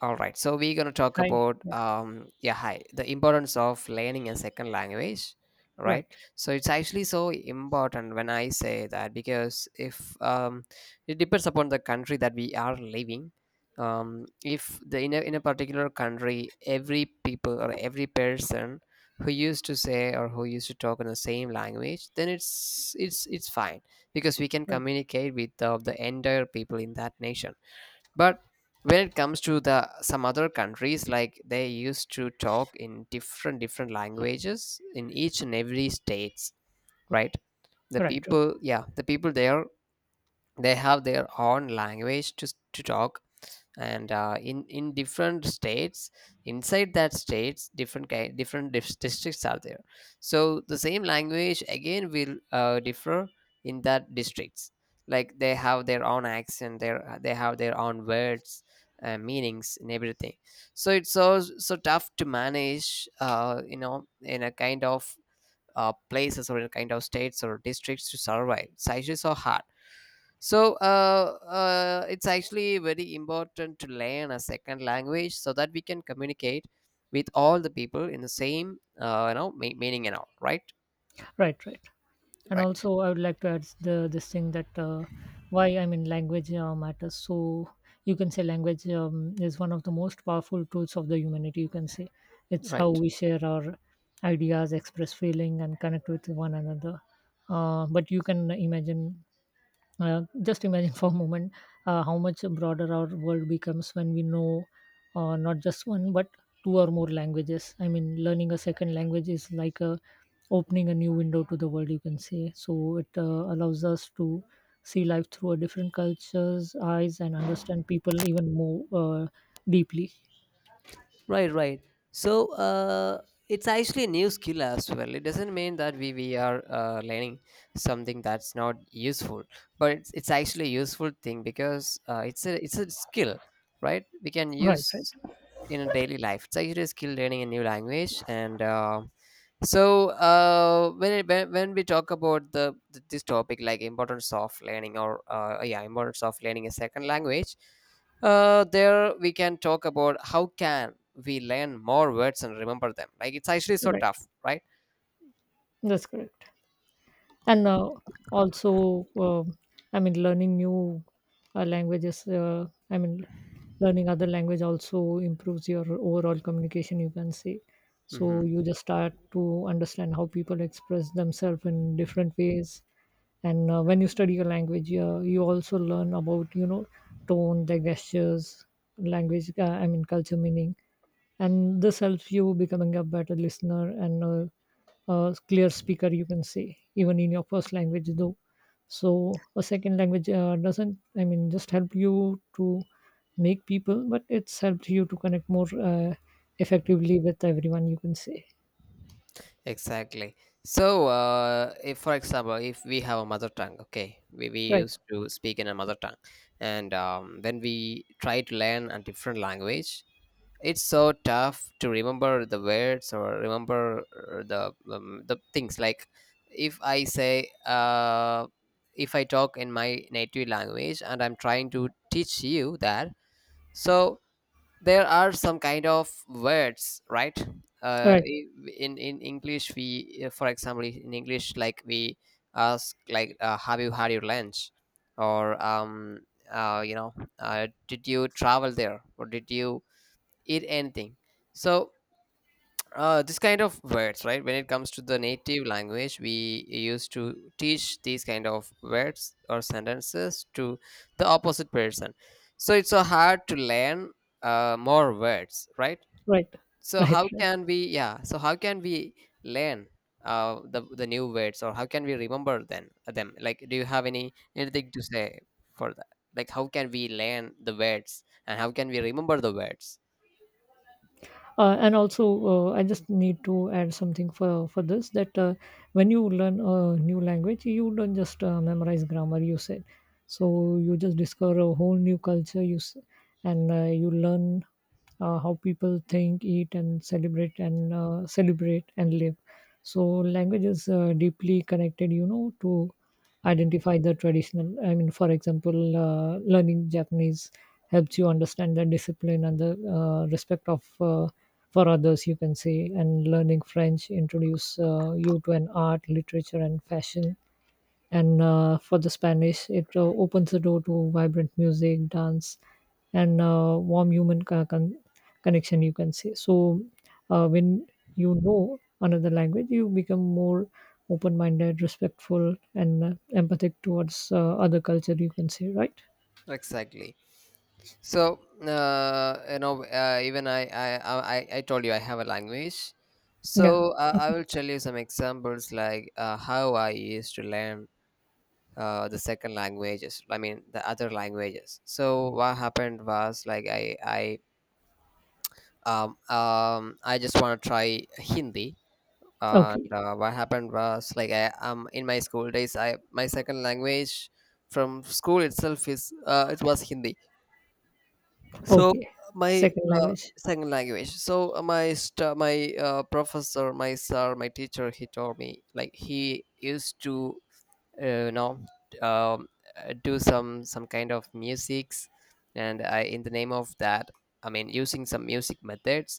All right, so we're gonna talk I about Yeah, yeah, hi, the importance of learning a second language, right? right, So it's actually so important when I say that, because if it depends upon the country that we are living. If in a particular country, every people or every person who used to say or who used to talk in the same language, then it's fine because we can right, communicate with the entire people in that nation, but when it comes to the some other countries, like they used to talk in different languages in each and every states, right? The right, right, people, yeah, the people there, they have their own language to talk, and in different states, inside that states, different ki- different dis- districts are there. So the same language again will differ in that districts, like they have their own accent, their they have their own words, meanings and everything. So it's so so tough to manage, in a kind of places, or in a kind of states or districts, to survive. It's actually so hard, so it's actually very important to learn a second language, so that we can communicate with all the people in the same you know me meaning and all, Right. right, right. And Right. also, I would like to add the this thing that why, I mean, language matters. So you can say language is one of the most powerful tools of the humanity. You can say it's how Right. we share our ideas, express feeling, and connect with one another. But you can imagine just imagine for a moment, how much broader our world becomes when we know, not just one but two or more languages. I mean, learning a second language is like opening a new window to the world, you can say. So it allows us to see life through a different culture's eyes and understand people even more deeply. Right. Right. So it's actually a new skill as well. It doesn't mean that we are learning something that's not useful, but it's actually a useful thing, because it's a skill, right? We can Right, right, use in a daily life. It's actually a skill, learning a new language, and so when, it, when we talk about this topic, like importance of learning, or yeah, importance of learning a second language, there we can talk about how can we learn more words and remember them. Like, it's actually so right. tough, right? That's correct. And also, I mean, learning new languages. I mean, learning other language also improves your overall communication, you can say. So Hmm. you just start to understand how people express themselves in different ways. And when you study a language, you also learn about, tone, the gestures, language, I mean culture meaning. And this helps you becoming a better listener and clear speaker, you can say, even in your first language though. So a second language doesn't, I mean, just help you to make people, but it's helped you to connect more effectively with everyone, you can say. Exactly. So, if, for example, if we have a mother tongue, okay, we Right, used to speak in a mother tongue, and when we try to learn a different language, it's so tough to remember the words, or remember the things. Like, if I say, uh, if I talk in my native language and I'm trying to teach you that, so there are some kind of words, right? Uh, right, i- in English, for example, in English, like we ask, like, "Have you had your lunch?" or uh, you know, "Did you travel there?" or "Did you?" eat anything, so this kind of words, right? When it comes to the native language, we used to teach these kind of words or sentences to the opposite person. So it's so hard to learn more words, right? right, so right, how right. can we yeah so how can we learn the new words, or how can we remember then them? Like, do you have anything to say for that? Like, how can we learn the words and how can we remember the words? And also, I just need to add something for this that when you learn a new language, you don't just memorize grammar, you said. So you just discover a whole new culture and you learn how people think, eat, and celebrate and live. So language is deeply connected, to identify the traditional. I mean, for example, learning Japanese helps you understand the discipline and the respect of, for others, you can say. And learning French introduce, you to an art, literature, and fashion. And for the Spanish, it opens the door to vibrant music, dance, and warm human connection, you can say. So when you know another language, you become more open-minded, respectful, and empathic towards other culture, you can say. Right, Exactly. So even I told you I have a language. yeah. So I will tell you some examples, like how I used to learn the second languages. I mean, the other languages. So what happened was, like, I just want to try Hindi. And Okay, what happened was, like, I in my school days, I my second language from school itself, is it was Hindi. So okay. my Second uh, language. second language. So my st- my professor, my sir, my teacher, he told me, like, he used to uh, you know um, do some kind of musics, and in the name of that, I mean, using some music methods,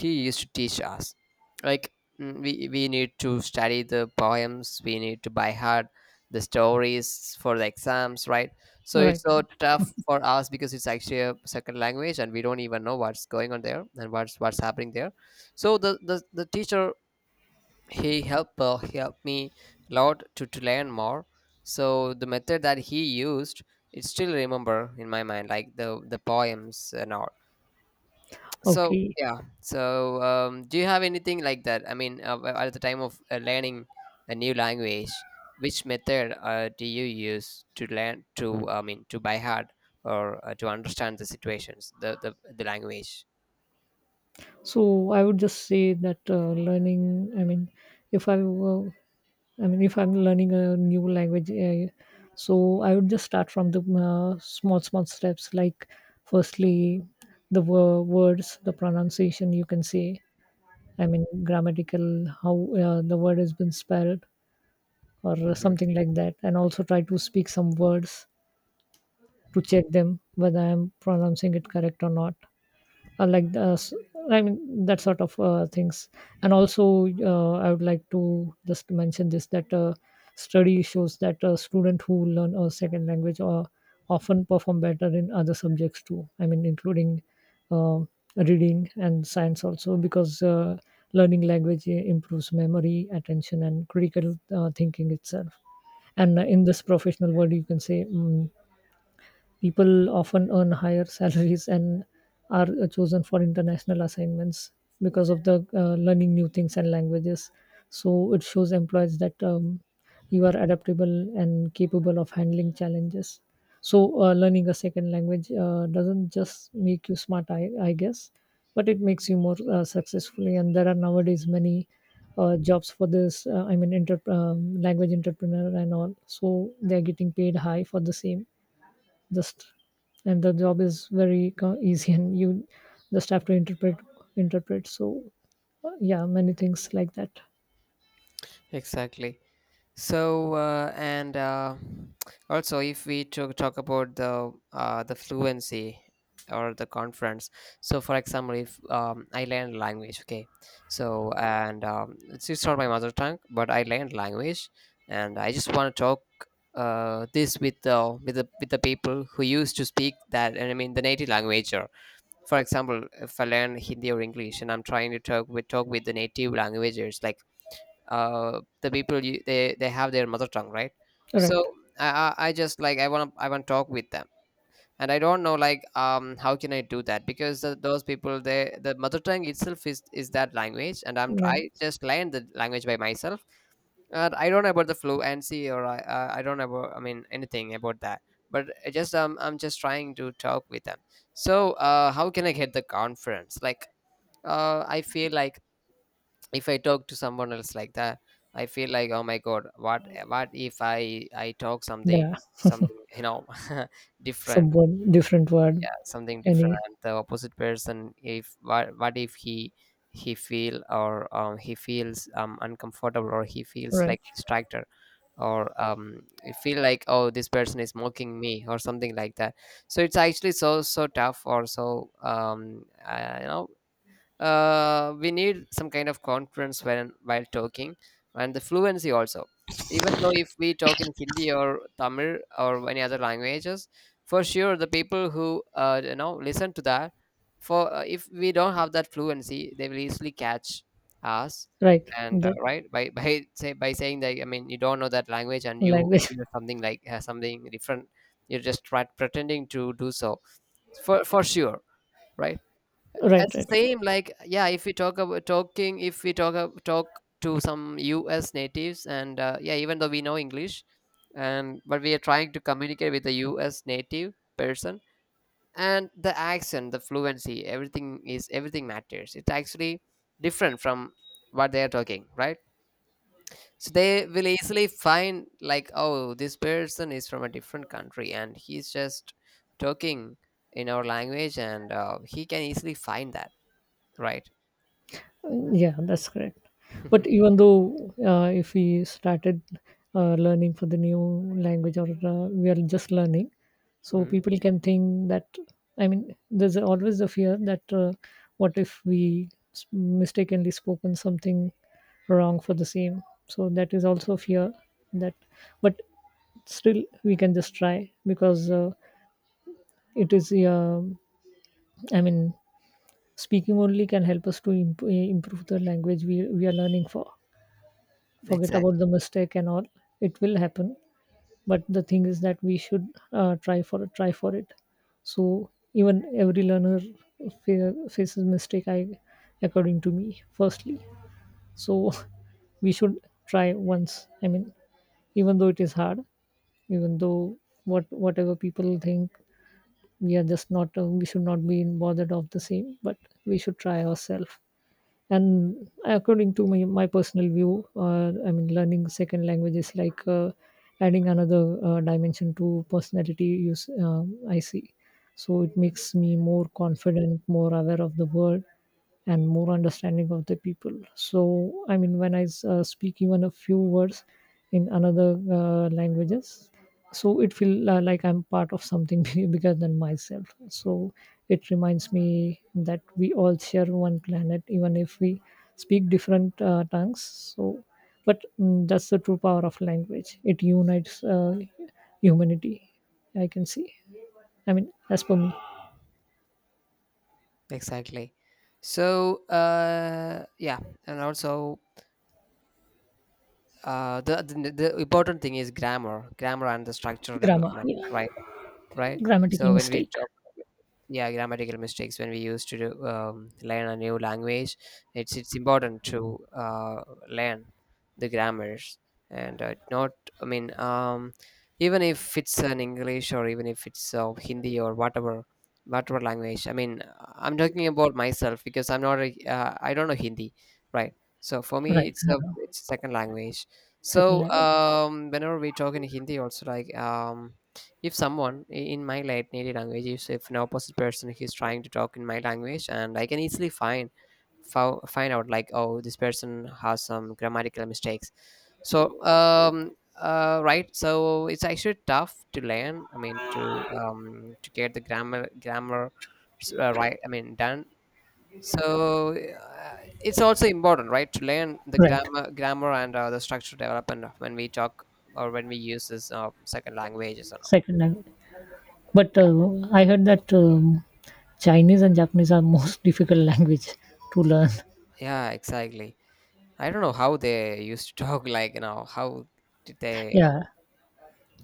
he used to teach us, like, we need to study the poems, we need to by heart the stories for the exams, right? So All it's right. so tough for us because it's actually a second language and we don't even know what's going on there and what's happening there. So the teacher, he helped me a lot to learn more. So the method that he used, it still remember in my mind, like the poems and all. So Okay, yeah, so do you have anything like that? I mean, at the time of learning a new language, which method do you use, to learn to, I mean, to by heart, or to understand the situations, the language? so I would just say that learning I mean, if I were I mean, if I'm learning a new language, so I would just start from the small, small steps. Like, firstly, the words, the pronunciation, you can say. I mean, grammatical, how the word has been spelled, or Hmm. something like that. And also try to speak some words to check them whether I'm pronouncing it correct or not, like I mean that sort of things. And also, I would like to just mention this that study shows that a student who learn a second language often perform better in other subjects too. I mean, including uh, reading and science also, because learning language improves memory, attention, and critical thinking itself. And in this professional world, you can say. People often earn higher salaries and are chosen for international assignments because of the learning new things and languages. So it shows employees that you are adaptable and capable of handling challenges. So learning a second language doesn't just make you smart, I guess, but it makes you more successfully. And there are nowadays many jobs for this. I mean, language entrepreneur and all. So they are getting paid high for the same, just. And the job is very easy, and you just have to interpret. So yeah, many things like that. Exactly. So and also, if we to talk about the fluency or the conference. So, for example, if I learn language, okay. So, and it's not my mother tongue, but I learned language, and I just want to talk this with the people who used to speak that, and I mean the native language. For example, if I learn Hindi or English, and I'm trying to talk with the native languages, like the people, they have their mother tongue, right? So Right. I just, like, I want to talk with them, and I don't know, like, how can I do that, because those people, they, the mother tongue itself is that language, and I Man, just learned the language by myself. I don't know about the fluency, or I don't know about, I mean, anything about that. But I just I'm just trying to talk with them. So how can I get the conference? Like, I feel like, if I talk to someone else like that, I feel like, oh my god, what if I talk something yeah. something you know different. Some word. Different word. Yeah, something different. Any. And the opposite person, if what, what if he feel, or he feels uncomfortable, or he feels Right, like distractor, or you feel like, oh, this person is mocking me or something like that. So it's actually so so tough, or so we need some kind of confidence when while talking, and the fluency also, even though if we talk in Hindi or Tamil or any other languages, for sure the people who listen to that, for if we don't have that fluency, they will easily catch us. right. And The right, by by saying that, I mean, you don't know that language, and you language. you're something, like, something different. You're just pretending to do so, for sure, right. As Right, the right. same, like, yeah, if we talk about talking, if we talk to some U.S. natives, and yeah, even though we know English, and but we are trying to communicate with a U.S. native person, and the accent, the fluency, everything matters. It's actually different from what they are talking, right? So they will easily find, like, oh, this person is from a different country, and he's just talking in our language, and he can easily find that, right? Yeah, that's correct. But even though if we started learning for the new language, or we are just learning, so Hmm. people can think that, I mean, there's always the fear that what if we mistakenly spoken something wrong for the same. So that is also fear that, but still we can just try, because it is, I mean, speaking only can help us to improve the language we are learning for. Forget about Exactly. the mistake and all, it will happen, but the thing is that we should try for it. So even every learner faces mistake, I according to me, firstly. So we should try once. I mean, even though it is hard, even though whatever people think, we should not be bothered of the same, but we should try ourselves. And according to my personal view, I mean, learning second language is like, adding another dimension to personality, use. I see. So it makes me more confident, more aware of the world, and more understanding of the people. So I mean, when I speak even a few words in another languages, so it feel, like I'm part of something bigger than myself. So it reminds me that we all share one planet, even if we speak different tongues. So but, that's the true power of language. It unites, humanity, I can see, I mean, as per me. Exactly. So yeah, and also, the important thing is grammar, and the structure Grammar, development, yeah. right? Right? Grammatical So when we mistake. talk, yeah, grammatical mistakes, when we used to learn a new language, it's important to learn the grammars, and not. I mean, even if it's an English, or even if it's Hindi, or whatever language. I mean, I'm talking about myself, because I'm not. I don't know Hindi, right? So for Right. me, it's a second language. Second So language. Whenever we talk in Hindi, also, like, if someone in my late native language, if an opposite person is trying to talk in my language, and I can easily find out, like, oh, this person has some grammatical mistakes. So right, so it's actually tough to learn, I mean, to get the grammar, right, I mean, done. So it's also important, right, to learn the Right. grammar, and the structural development, when we talk or when we use this second languages and all. Second language. But I heard that Chinese and Japanese are most difficult language to learn. Yeah, exactly. I don't know how they used to talk like now. How did they Yeah.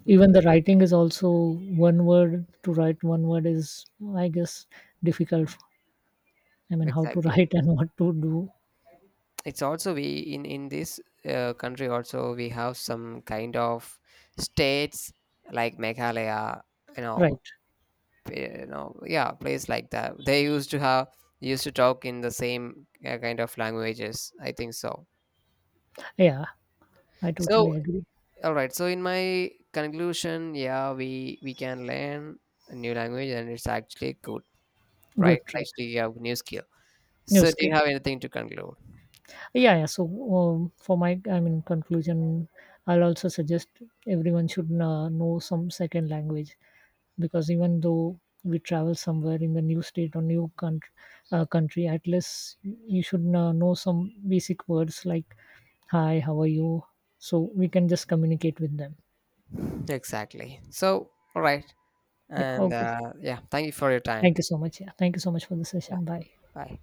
Mhm. Even the writing is also one word to write. One word is, I guess, difficult. I mean, how to Exactly? write and what to do. It's also, we in this country, also we have some kind of states like Meghalaya, you know, Right. Yeah, place like that. They used to talk in the same kind of languages, I think so. Yeah, I So, totally agree. all right. So, in my conclusion, yeah, we can learn a new language, and it's actually cool. Right? Good, It's right. actually a new skill. New So, do you skill. have anything to conclude? Yeah, yeah. So for my, I mean, conclusion, I'll also suggest everyone should know some second language, because even though we travel somewhere in the new state or new country, at least you should know some basic words like, hi, how are you, so we can just communicate with them. Exactly. So, all right. Yeah, And okay. Yeah, thank you for your Thank time. you so much. Yeah, thank you so much for the Yeah, session. Bye. bye.